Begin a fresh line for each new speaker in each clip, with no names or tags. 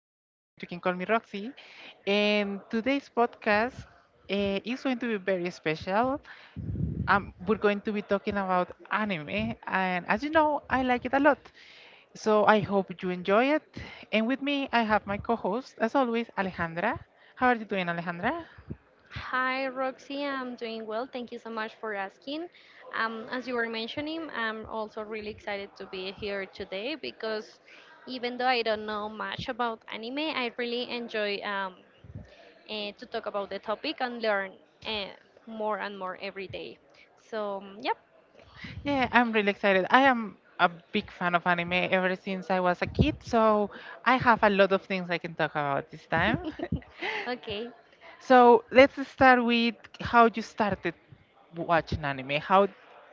You can call me Roxy. And today's podcast is going to be very special. We're going to be talking about anime. And as you know, I like it a lot. So I hope you enjoy it. And with me, I have my co host, as always, Alejandra. How are you doing, Alejandra?
Hi, Roxy. I'm doing well. Thank you so much for asking. As you were mentioning, I'm also really excited to be here today because even though I don't know much about anime, I really enjoy to talk about the topic and learn uh, more and more every day. So, yep.
Yeah, I'm really excited. I am a big fan of anime ever since I was a kid. So I have a lot of things I can talk about this time.
Okay.
So let's start with how you started watching anime.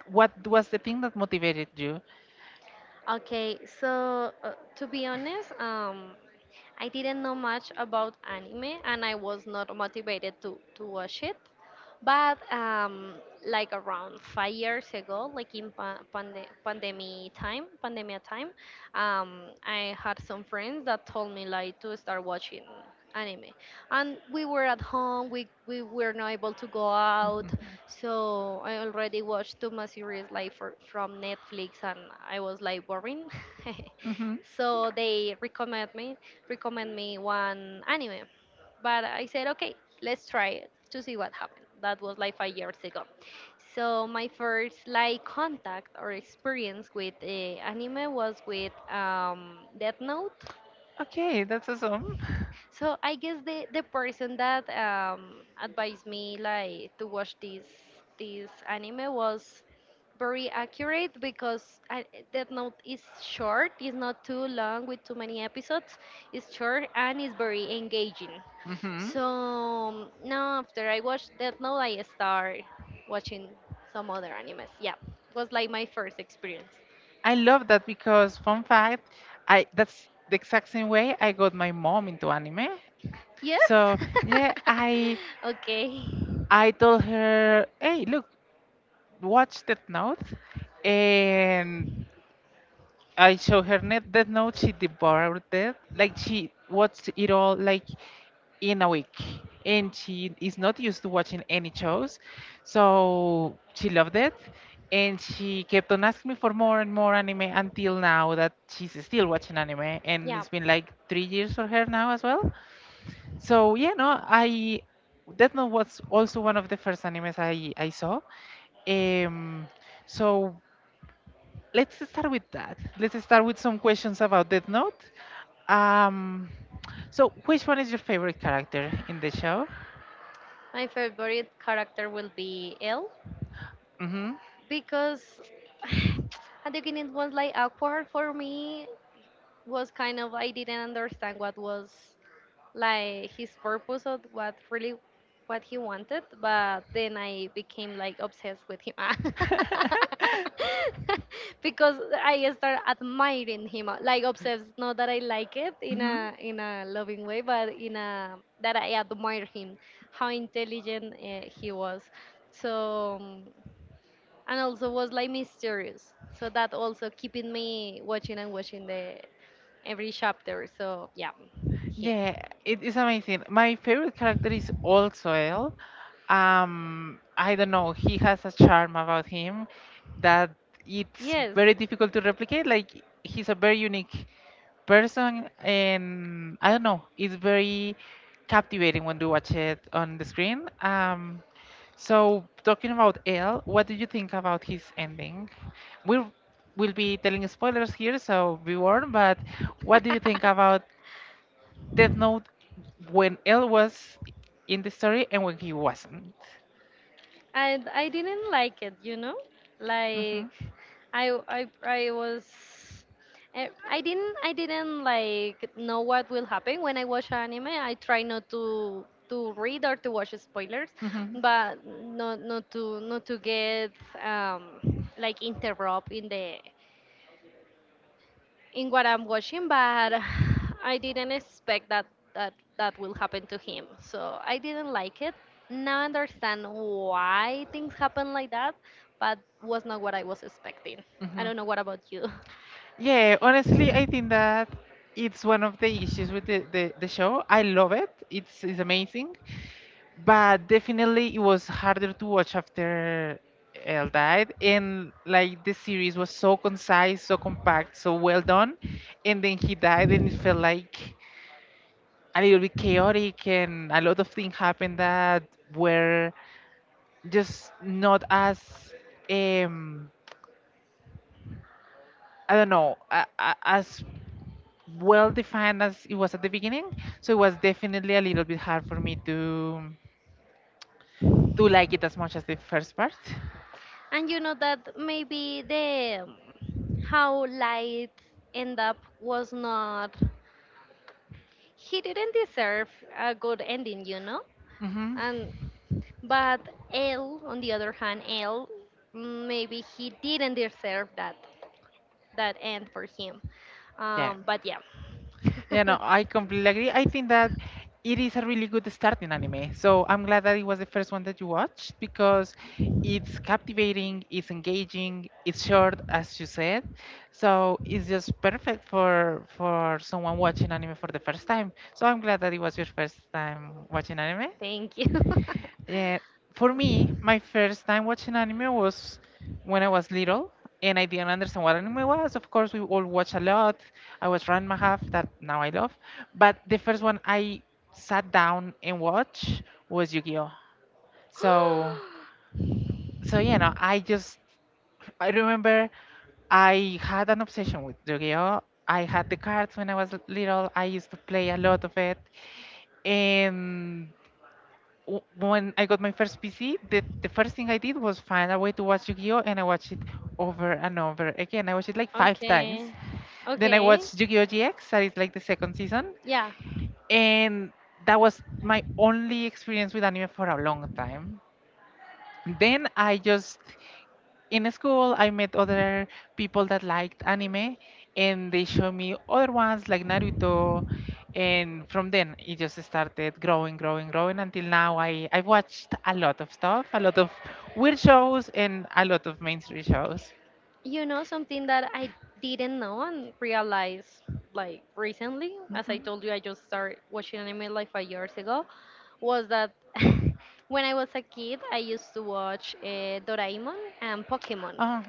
What was the thing that motivated you?
Okay, so to be honest, I didn't know much about anime and I was not motivated to watch it. But like around 5 years ago, like in pandemic time, pandemia time, I had some friends that told me like to start watching anime, and we were at home. We were not able to go out, so I already watched too much series like from Netflix, and I was like boring.
Mm-hmm.
So they recommend me one anime, but I said, okay, let's try it to see what happened. That was like 5 years ago. So my first like contact or experience with anime was with Death Note.
Okay, that's awesome.
So I guess the person that advised me like to watch this anime was very accurate because Death Note is short. It's not too long with too many episodes. It's short and it's very engaging.
Mm-hmm.
So now after I watched Death Note, I start watching some other animes. Yeah, was like my first experience.
I love that because fun fact, I that's the exact same way I got my mom into anime.
Yes.
So yeah,
Okay.
I told her, hey, look, watch Death Note, and I showed her Death Note. She devoured it, like she watched it all, like in a week. And she is not used to watching any shows. So she loved it. And she kept on asking me for more and more anime until now that she's still watching anime. And
Yeah,
it's been like 3 years for her now as well. So, yeah, no, I. Death Note was also one of the first animes I saw. Um, so let's start with that. Let's start with some questions about Death Note. Um, so, which one is your favorite character in the show?
my favorite character will be Elle
Mm-hmm.
because at the beginning it was like awkward for me. Was kind of I didn't understand what was like his purpose of what really what he wanted, but then I became like obsessed with him. Because I start admiring him, like obsessed, not that I like it
Mhm.
in a loving way, but in a that I admire him, how intelligent he was. So and also was like mysterious, so that also keeping me watching and watching the every chapter, so yeah, him.
Yeah, it is amazing. My favorite character is also El. I don't know, he has a charm about him that it's
Yes,
very difficult to replicate. Like he's a very unique person, and I don't know, it's very captivating when you watch it on the screen. So talking about El, what do you think about his ending? We'll we'll be telling spoilers here, so be warned. But what do you think about Death Note when L was in the story and when he wasn't?
and I didn't like it, you know?
Hmm
Like I was I didn't like know what will happen. When I watch anime, I try not to read or to watch spoilers,
hmm
but not to get like interrupt in the in what I'm watching, but I didn't expect that that will happen to him. So I didn't like it. Now I understand why things happen like that, but was not what I was expecting. I
hmm
don't know what about you.
Yeah, honestly, I think that it's one of the issues with the show. I love it. It's amazing. But definitely it was harder to watch after Elle died. And like the series was so concise, so compact, so well done. And then he died, and it felt like a little bit chaotic, and a lot of things happened that were just not as um I don't know a, as well defined as it was at the beginning. So it was definitely a little bit hard for me to like it as much as the first part.
And you know that maybe the how light end up was not, he didn't deserve a good ending, you know?
Hmm
And But L on the other hand, L maybe he didn't deserve that end for him. But yeah.
Yeah, no, I completely agree. I think that it is a really good starting anime. So I'm glad that it was the first one that you watched because it's captivating, it's engaging, it's short, as you said. So it's just perfect for someone watching anime for the first time. So I'm glad that it was your first time watching anime.
Thank you.
Yeah, for me, my first time watching anime was when I was little, and I didn't understand what anime was. Of course, we all watch a lot. I watched Ranma half that now I love, but the first one I sat down and watched was Yu-Gi-Oh. So, so you know, I remember I had an obsession with Yu-Gi-Oh. I had the cards when I was little. I used to play a lot of it, and when I got my first PC, the first thing I did was find a way to watch Yu-Gi-Oh! And I watched it over and over again. I watched it like five times.
Okay.
Then I
Okay.
watched Yu-Gi-Oh! GX, that is like the second season.
Yeah.
And that was my only experience with anime for a long time. Then I just in school I met other people that liked anime and they showed me other ones like Naruto, and from then it just started growing growing until now I watched a lot of stuff, a lot of weird shows and a lot of mainstream shows.
You know, something that I didn't know and realized like recently, as I
Hmm
told you, I just started watching anime like 5 years ago, was that when I was a kid, I used to watch Doraemon and Pokemon,
oh,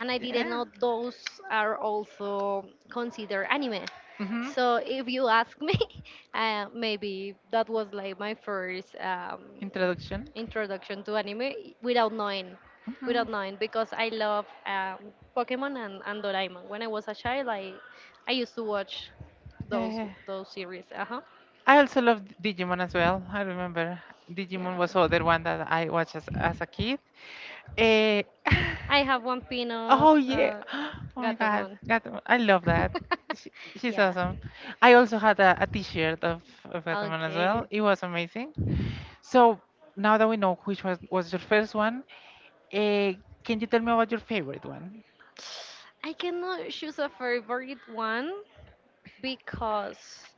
and I didn't
yeah.
know those are also considered anime.
hmm
So if you ask me, maybe that was like my first
introduction.
introduction to anime without knowing,
Hmm
without knowing, because I love Pokemon and Doraemon. When I was a child, I used to watch
yeah,
those
yeah,
those series. Uh huh.
I also loved Digimon as well. I remember
Yeah.
Digimon was other one that I watched as a kid. Eh,
I have one pin of
oh yeah. Oh my God.
Gatomon.
I love that. She's
Yeah.
awesome. I also had a t-shirt of Gataman as well.
Okay.
It was amazing. So now that we know which was your first one, uh, can you tell me about your favorite one?
I cannot choose a favorite one because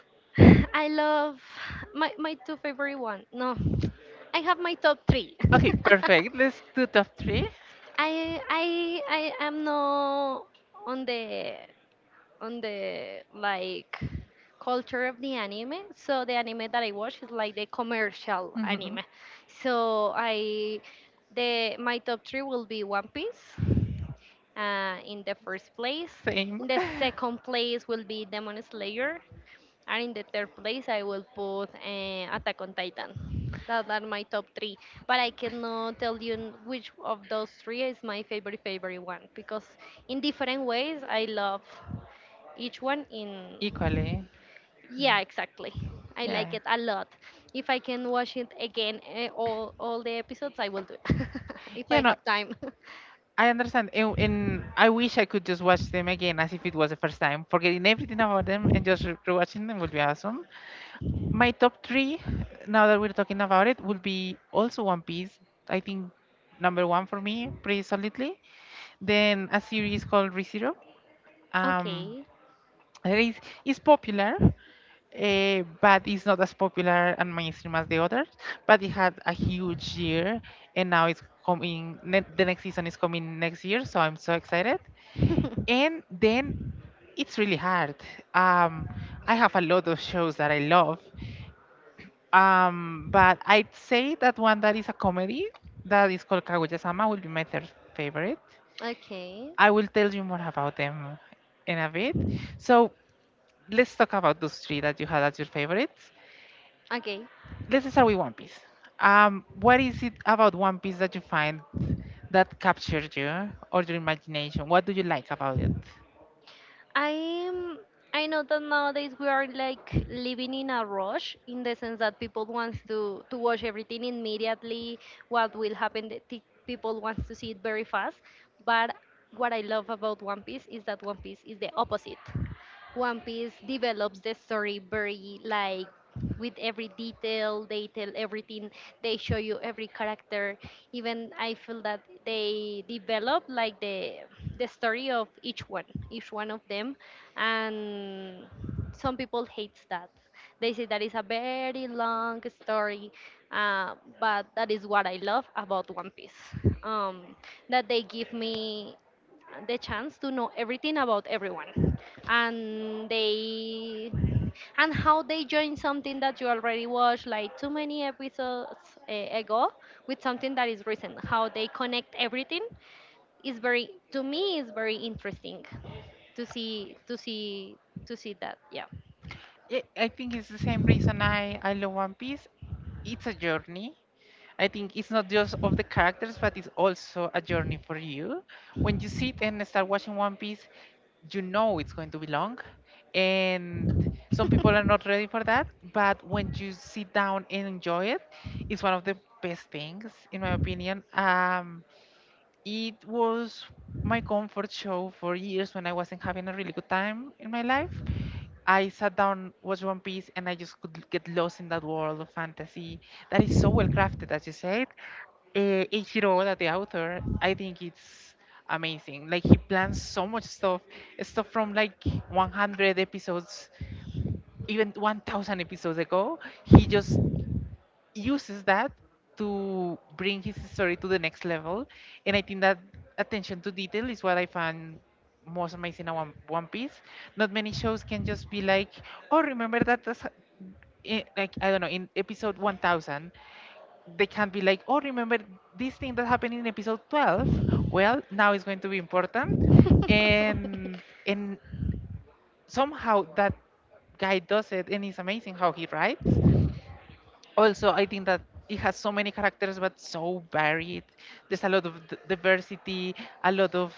I love my my two favorite one. No, I have my top three.
Okay, perfect. Let's do top 3.
I am not on the on the like culture of the anime. So the anime that I watch is like the commercial
Hmm
anime. So I the my top three will be One Piece. In the first place,
Same.
in the second place will be Demon Slayer, and in the third place, I will put Attack on Titan. That are my top three. But I cannot tell you which of those three is my favorite, favorite one, because in different ways, I love each one in.
Equally. Yeah.
Yeah, exactly. I like
Yeah.
it a lot. If I can watch it again, all the episodes, I will do it if
Yeah,
I
no,
have time.
I understand. And I wish I could just watch them again as if it was the first time, forgetting everything about them and just rewatching them would be awesome. My top three, now that we're talking about it, would be also One Piece. I think number one for me, pretty solidly. Then a series called ReZero. Um,
Okay.
it is it's popular, but it's not as popular and mainstream as the others. But it had a huge year, and now it's coming. Ne- the next season is coming next year, so I'm so excited. And then it's really hard. Um, I have a lot of shows that I love, but I'd say that one that is a comedy that is called Kaguya-sama will be my third favorite.
Okay.
I will tell you more about them in a bit. So let's talk about those three that you had as your favorites.
Okay.
Let's start with One Piece. What is it about One Piece that you find that captured you or your imagination? What do you like about it?
I'm I know that nowadays we are like living in a rush, in the sense that people wants to watch everything immediately. What will happen? The people wants to see it very fast. But what I love about One Piece is that One Piece is the opposite. One Piece develops the story very like with every detail. They tell everything. They show you every character. Even I feel that they develop like the story of each one of them. And some people hates that, they say that is a very long story, uh, but that is what I love about One Piece. um, that they give me the chance to know everything about everyone, and they, and how they join something that you already watched like too many episodes ago with something that is recent, how they connect everything is very, to me is very interesting to see to see to see that, yeah.
Yeah, I think it's the same reason I love One Piece. It's a journey. I think it's not just of the characters, but it's also a journey for you. When you sit and start watching One Piece, you know it's going to be long. And some people are not ready for that. But when you sit down and enjoy it, it's one of the best things, in my opinion. It was my comfort show for years when I wasn't having a really good time in my life. I sat down, watched One Piece, and I just could get lost in that world of fantasy that is so well crafted, as you said. Eiichiro Oda, the author, I think it's amazing. Like he plans so much stuff, stuff from like 100 episodes, even 1,000 episodes ago. He just uses that to bring his story to the next level. And I think that attention to detail is what I find most amazing in One Piece. Not many shows can just be like, oh, remember that. Like I don't know, in episode 1,000, they can't be like, oh, remember this thing that happened in episode 12? Well, now it's going to be important, and and somehow that guy does it, and it's amazing how he writes. Also, I think that it has so many characters, but so varied. There's a lot of diversity, a lot of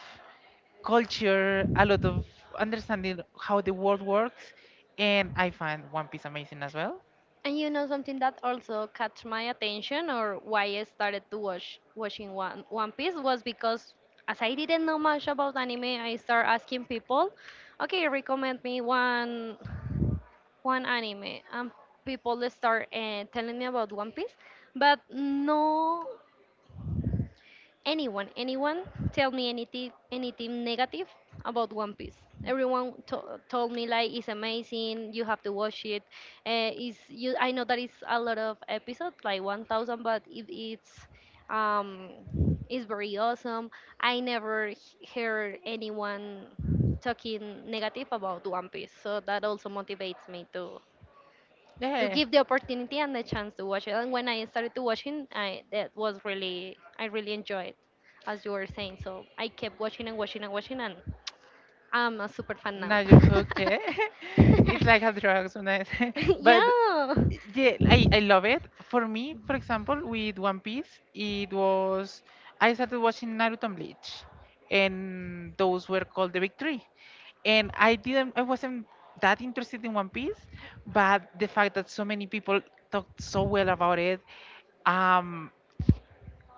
culture, a lot of understanding how the world works, and I find One Piece amazing as well.
And you know something that also catch my attention or why I started to watch watching One Piece was because, as I didn't know much about anime, I start asking people, okay, recommend me one anime, and people start telling me about One Piece, but no. Anyone tell me anything negative about One Piece. Everyone told me like it's amazing, you have to watch it. Is you I know that it's a lot of episodes, like 1000, but um it's very awesome. I never heard anyone talking negative about One Piece, so that also motivates me to
Yeah.
give the opportunity and the chance to watch it. And when I started to watching, I that was really I really enjoyed, it, as you were saying. So I kept watching, and I'm a super fan now.
Now you're hooked, yeah. It's like a drug, when I but
Yeah.
yeah, I love it. For me, for example, with One Piece, it was I started watching Naruto and Bleach, and those were called the Big Three. And I wasn't that interested in One Piece, but the fact that so many people talked so well about it, um,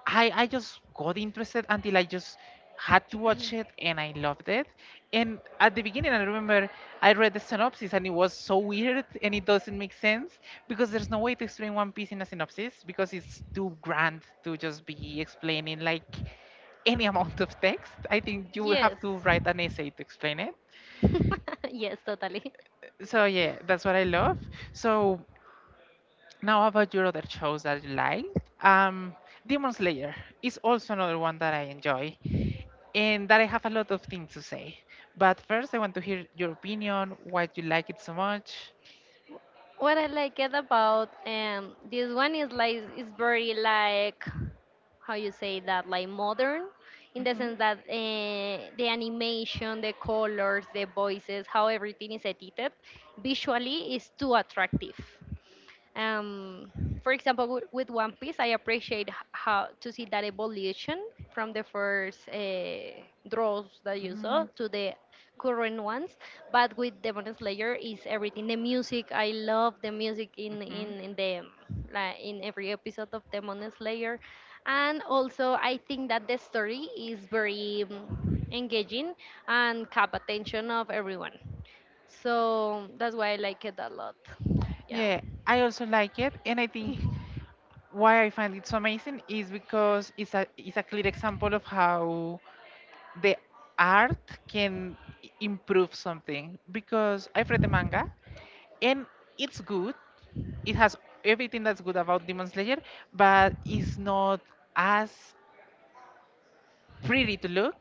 I just got interested until I just had to watch it and I loved it. And at the beginning, I remember I read the synopsis and it was so weird, and it doesn't make sense because there's no way to explain One Piece in a synopsis because it's too grand to just be explaining like any amount of text. I think you will have
Yes.
to write an essay to explain it.
Yes, totally.
So yeah, that's what I love. So now about your other shows that you liked. Um, Demon Slayer is also another one that I enjoy, and that I have a lot of things to say. But first, I want to hear your opinion, why you like it so much.
What I like it about this one is like it's very like how you say that, like modern, in the
Hmm
sense that the animation, the colors, the voices, how everything is edited visually is too attractive. Um, for example, with One Piece, I appreciate how to see that evolution from the first draws that you
hmm
saw to the current ones. But with Demon Slayer, is everything. The music, I love the music
hmm
in the, like, in every episode of Demon Slayer, and also I think that the story is very engaging and cap attention of everyone. So that's why I like it a lot. Yeah.
Yeah, I also like it, and I think why I find it so amazing is because it's a clear example of how the art can improve something. Because I've read the manga, and it's good. It has everything that's good about Demon Slayer, but it's not as pretty to look.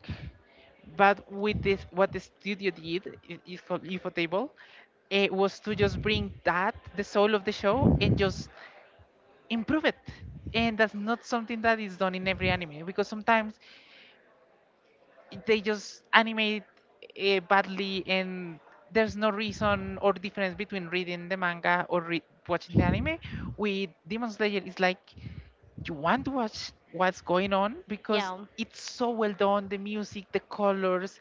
But with this, what the studio is called Infotable, it was to just bring that, the soul of the show, and just improve it. And that's not something that is done in every anime because sometimes they just animate badly, and there's no reason or difference between reading the manga or watching the anime. With Demon Slayer, it's like you want to watch what's going on because
Yeah.
it's so well done, the music, the colors,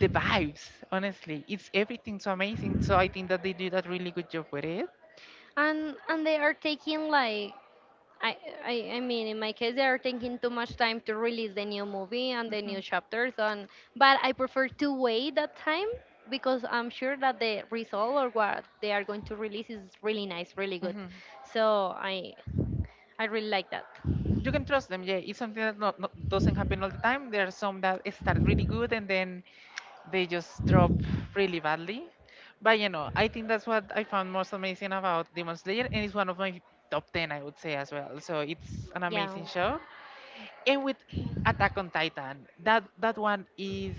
the vibes. Honestly, it's everything so amazing, so I think that they do that really good job with it.
And they are taking like I, I mean, in my case they are taking too much time to release the new movie and the new
Mhm,
chapters, and but I prefer to wait that time because I'm sure that the result or what they are going to release is really nice, really good.
mhm.
So I really like that.
You can trust them, yeah. It's something that not, not, doesn't happen all the time. There are some that start really good and then they just drop really badly. But you know, I think that's what I found most amazing about Demon Slayer, and it's one of my top 10, I would say as well, so it's an
Yeah.
amazing show. And with Attack on Titan, that one is.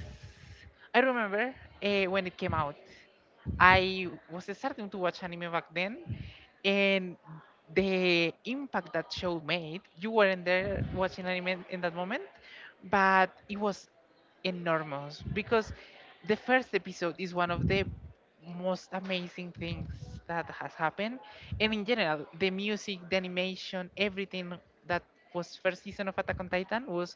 I remember when it came out. I was starting to watch anime back then, and the impact that show made, you weren't there watching anime in that moment, but it was enormous because the first episode is one of the most amazing things that has happened. And in general, the music, the animation, everything that was first season of Attack on Titan was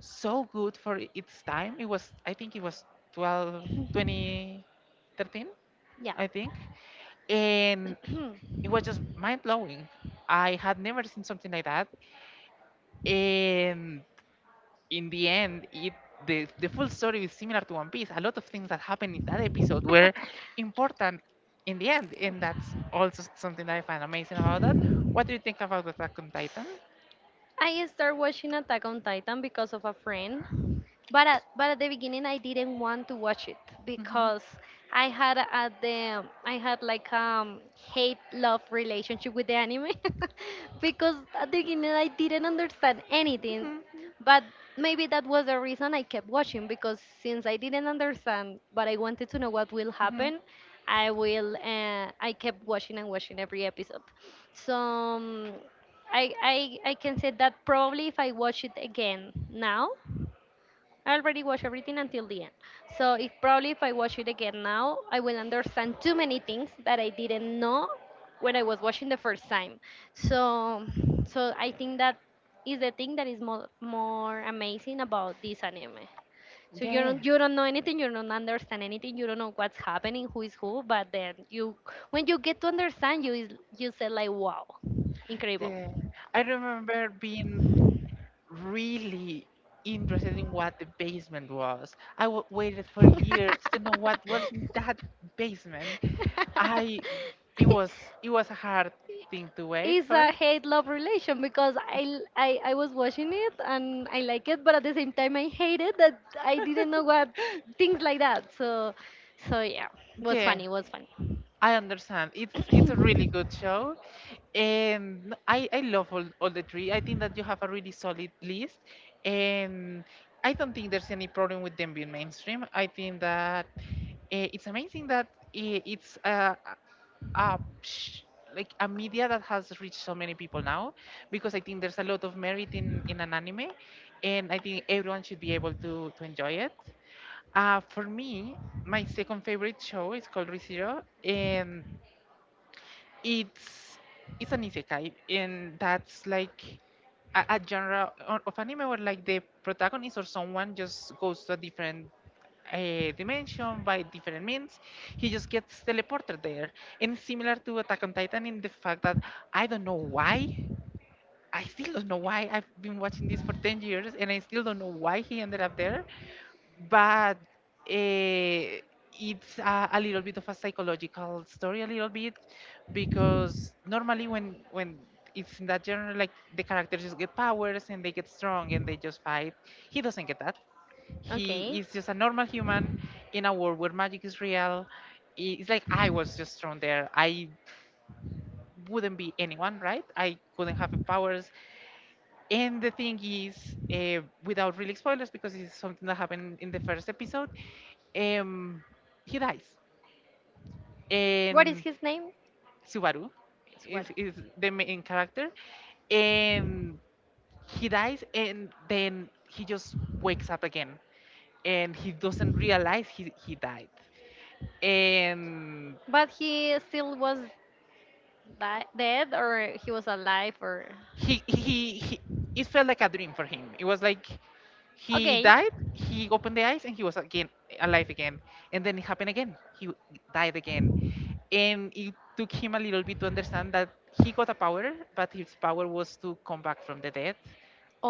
so good for its time. It was, I think it was 12 2013,
Yeah.
I think, and it was just mind blowing. I had never seen something like that. And in the end, it the full story is similar to One Piece. A lot of things that happened in that episode were important in the end, and that's also something that I find amazing about that. What do you think about Attack on Titan?
I started watching Attack on Titan because of a friend, but but at the beginning I didn't want to watch it
Mhm.
because I had at the I had like hate love relationship with the anime. Because at the beginning I didn't understand anything, but maybe that was the reason I kept watching, because since I didn't understand but I wanted to know what will
Mhm.
happen, I kept watching and watching every episode. So. I can say that probably if I watch it again now, I already watched everything until the end. So if probably if I watch it again now, I will understand too many things that I didn't know when I was watching the first time. So so I think that is the thing that is more more amazing about this anime. So you
Yeah.
don't know anything, you don't understand anything, you don't know what's happening, who is who, but then you when you get to understand you is you say like wow, incredible.
Yeah, I remember being really interested in what the basement was. I w waited for years to know what was in that basement. I, it was, it was a hard thing to wait
It's
for.
a hate love relation because I I was watching it and I like it, but at the same time I hate it that I didn't know what things like that. So so yeah, was
Yeah,
funny, was funny.
I understand. It's a really good show, and I love all the three. I think that you have a really solid list, and I don't think there's any problem with them being mainstream. I think that. It's amazing that it's a, a sh- like a media that has reached so many people now, because I think there's a lot of merit in an anime, and I think everyone should be able to enjoy it. For me, my second favorite show is called ReZero, and it's it's an isekai, and that's like a genre of anime where like the protagonist or someone just goes to a different dimension by different means. He just gets teleported there. And similar to Attack on Titan in the fact that I don't know why. I still don't know why. I've been watching this for 10 years and I still don't know why he ended up there. But uh, it's a little bit of a psychological story, a little bit, because normally when it's in that genre, like the characters just get powers and they get strong and they just fight. He doesn't get that. He
Okay.
is just a normal human in a world where magic is real. It's like I was just thrown there. I wouldn't be anyone, right? I couldn't have powers. And the thing is, without really spoilers, because it's something that happened in the first episode, um, he dies.
What is
And
his name?
Subaru
It's what?
is the main character. And he dies, and then he just wakes up again. And he doesn't realize he died and
But he still was, di- dead or he was alive or
he it felt like a dream for him. It was like he
okay
died, he opened the eyes, and he was again alive again. And then it happened again, he died again. And it took him a little bit to understand that he got a power, but his power was to come back from the dead.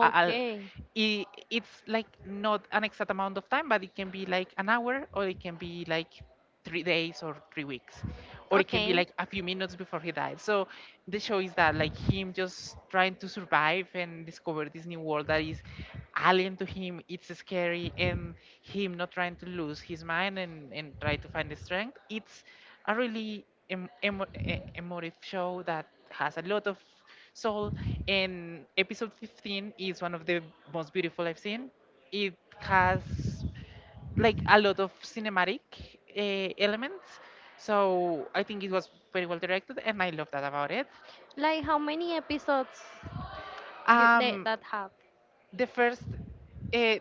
I'll, I it's like not an exact amount of time, but it can be like an hour, or it can be like 3 days or 3 weeks, or it can be like a few minutes before he died. So the show is that like him just trying to survive and discover this new world that is alien to him. It's scary, and him not trying to lose his mind, and try to find the strength. It's a really emotive show that has a lot of soul, and episode 15 is one of the most beautiful I've seen. It has like a lot of cinematic elements, so I think it was very well directed, and I love that about it.
it. Like how many episodes
um
that have?
the first uh,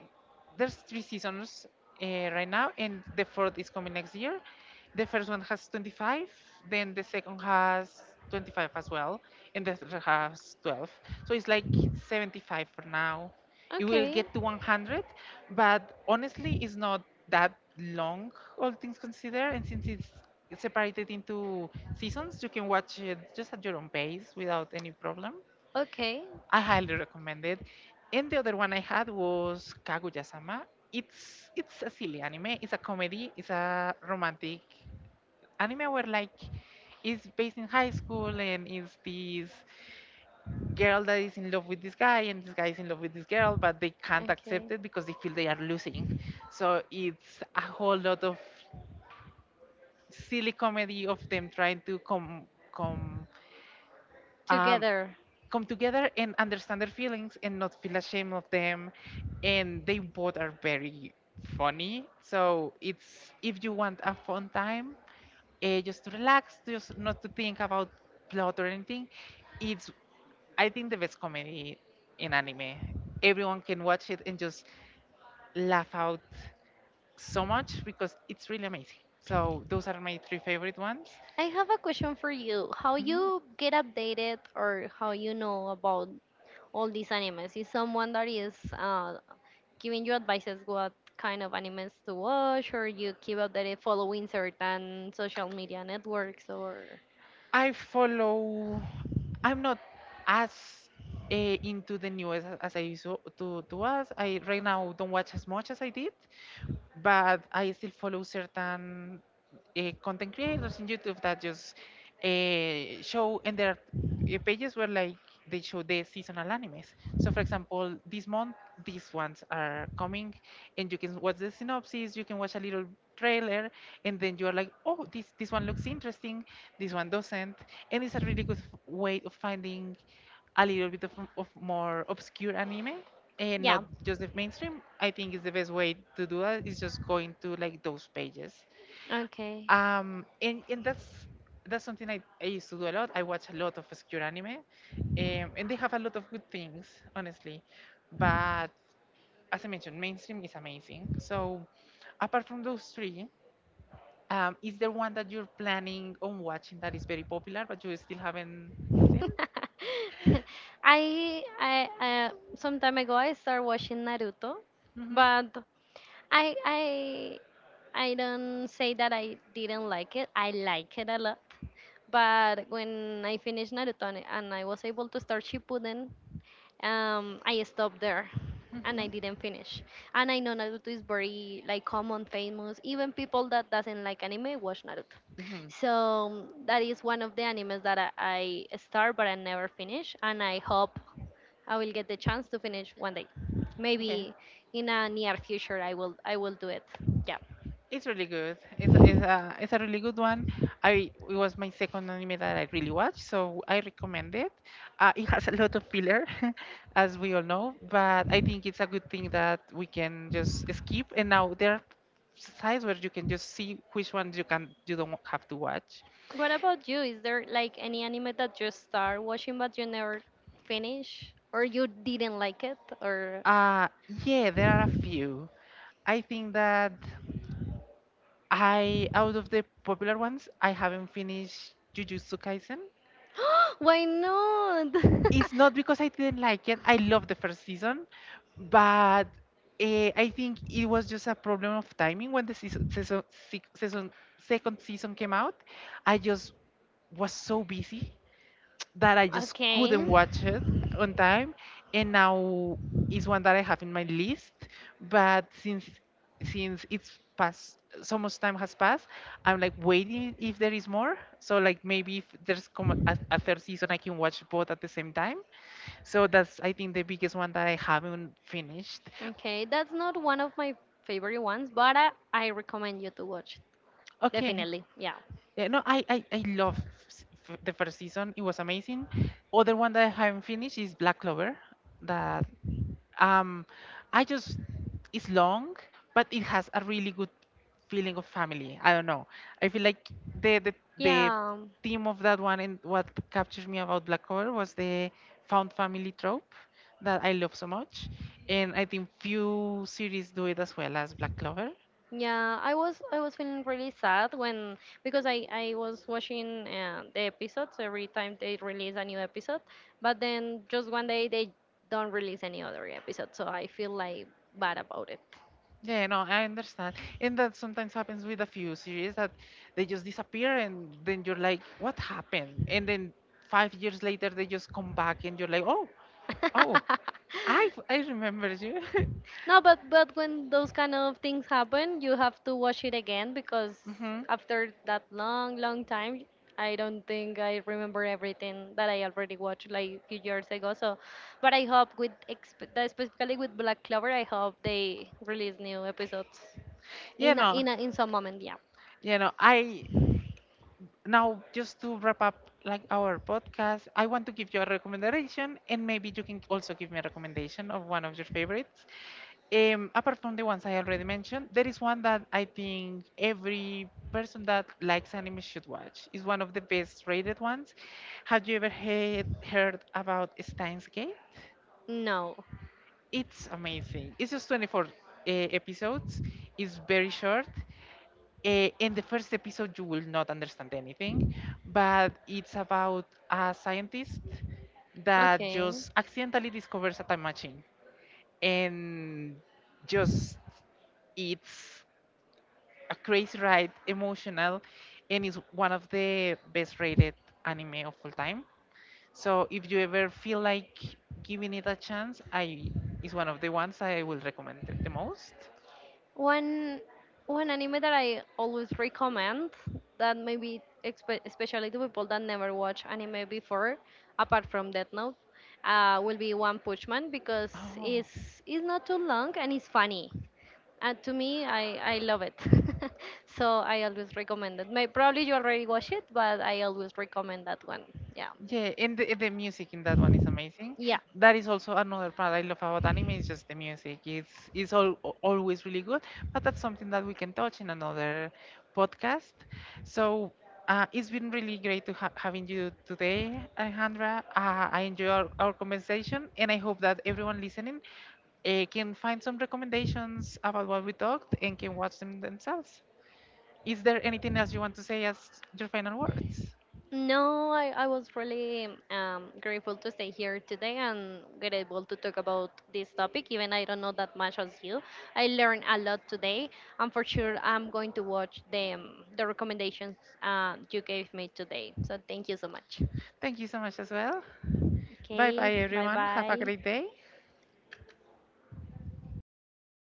there's three seasons uh, right now, and the fourth is coming next year. The first one has 25, then the second has 25 as well, and the third has 12, so it's like 75 for now. It will
Okay.
get to 100, but honestly, it's not that long, all things considered. And since it's separated into seasons, you can watch it just at your own pace without any problem.
Okay.
I highly recommend it. And the other one I had was Kaguya-sama. It's a silly anime. It's a comedy. It's a romantic anime where like it's based in high school, and it's this girl that is in love with this guy, and this guy is in love with this girl, but they can't
Okay.
accept it because they feel they are losing. So it's a whole lot of silly comedy of them trying to come um,
Together.
come together and understand their feelings and not feel ashamed of them. And they both are very funny. So it's if you want a fun time, just to relax, just not to think about plot or anything. It's I think the best comedy in anime. Everyone can watch it and just laugh out so much because it's really amazing. So those are my three favorite ones.
I have a question for you. How
Mhm.
you get updated or how you know about all these animes? Is someone that is giving you advices what kind of animes to watch or you keep updated following certain social media networks or
I follow. I'm not as into the news as I used to, to I right now don't watch as much as I did, but I still follow certain content creators in YouTube that just show, and their pages where like they show the seasonal animes. So, for example, this month these ones are coming, and you can watch the synopsis, you can watch a little trailer, and then you are like, oh, this one looks interesting, this one doesn't, and it's a really good way of finding a little bit of more obscure anime and
yeah.
not just the mainstream. I think is the best way to do that is just going to like those pages.
Okay.
And that's something I used to do a lot. I watch a lot of obscure anime, and they have a lot of good things, honestly. But as I mentioned, mainstream is amazing. So apart from those three, is there one that you're planning on watching that is very popular but you still haven't seen?
I uh, some time ago I started watching Naruto,
Mhm.
but I I I don't say that I didn't like it. I like it a lot. But when I finished Naruto and I was able to start Shippuden, I stopped there and I didn't finish. And I know Naruto is very like common, famous. Even people that doesn't like anime watch Naruto.
Hmm.
So that is one of the animes that I start but I never finish. And I hope I will get the chance to finish one day.
Yeah,
Maybe in a near future I will do it. Yeah.
it's really good. It's it's a really good one. I it was my second anime that I really watched, so I recommend it. It has a lot of filler, as we all know, but I think it's a good thing that we can just skip. And now there are sites where you can just see which ones you can you don't have to watch.
What about you? Is there like any anime that you start watching but you never finish or you didn't like it or
Uh yeah, there are a few. I think that. I out of the popular ones, I haven't finished Jujutsu Kaisen.
why not?
It's not because I didn't like it. I loved the first season, but I think it was just a problem of timing when the season second season came out. I just was so busy that I just
Okay.
couldn't watch it on time, and now is one that I have in my list. But since it's passed, so much time has passed, I'm like waiting if there is more. So like maybe if there's come a third season, I can watch both at the same time. So that's I think the biggest one that I haven't finished.
Okay, that's not one of my favorite ones, but I recommend you to watch. It.
Okay.
Definitely. Yeah.
Yeah, no, I love the first season. It was amazing. Other one that I haven't finished is Black Clover. That Um, I just it's long, but it has a really good feeling of family. I don't know. I feel like the the the
Yeah,
theme of that one, and what captured me about Black Clover was the found family trope that I love so much, and I think few series do it as well as Black Clover.
yeah. I was feeling really sad when because I was watching the episodes every time they release a new episode, but then just one day they don't release any other episode, so I feel like bad about it.
Yeah, no, I understand, and that sometimes happens with a few series that they just disappear, and then you're like, what happened? And then 5 years later, they just come back, and you're like, oh, oh. I I remember you.
No, but when those kind of things happen, you have to watch it again because
Hmm.
after that long, long time, I don't think I remember everything that I already watched like few years ago. So, but I hope with that specifically with Black Clover, I hope they release new episodes
You know,
in some moment. Yeah,
I now just to wrap up like our podcast. I want to give you a recommendation, and maybe you can also give me a recommendation of one of your favorites. Apart from the ones I already mentioned, there is one that I think every person that likes anime should watch. It's one of the best rated ones. Have you ever heard about Steins Gate?
no.
It's amazing. It's just 24 episodes. It's very short. In the first episode, you will not understand anything, but it's about a scientist that
Okay.
just accidentally discovers a time machine and just it's a crazy ride, emotional, and it's one of the best rated anime of all time. So if you ever feel like giving it a chance, I it's one of the ones I will recommend the most.
One One anime that I always recommend that maybe especially to people that never watch anime before, apart from Death Note, will be One Punch Man because
Oh,
it's not too long and it's funny. And to me, I love it. So I always recommend it. May probably you already watch it, but I always recommend that one. Yeah,
yeah, and the music in that one is amazing.
yeah.
That is also another part I love about anime is just the music. It's all, always really good, but that's something that we can touch in another podcast. So it's been really great to ha having you today, Alejandra. I enjoy our conversation, and I hope that everyone listening can find some recommendations about what we talked and can watch them themselves. Is there anything else you want to say as your final words?
No, I was really grateful to stay here today and grateful to talk about this topic, even I don't know that much as you. I learned a lot today, and for sure I'm going to watch the recommendations you gave me today. So thank you so much.
Thank you so much as well. Bye bye,
Okay, bye
everyone. Have a
bye.
great day.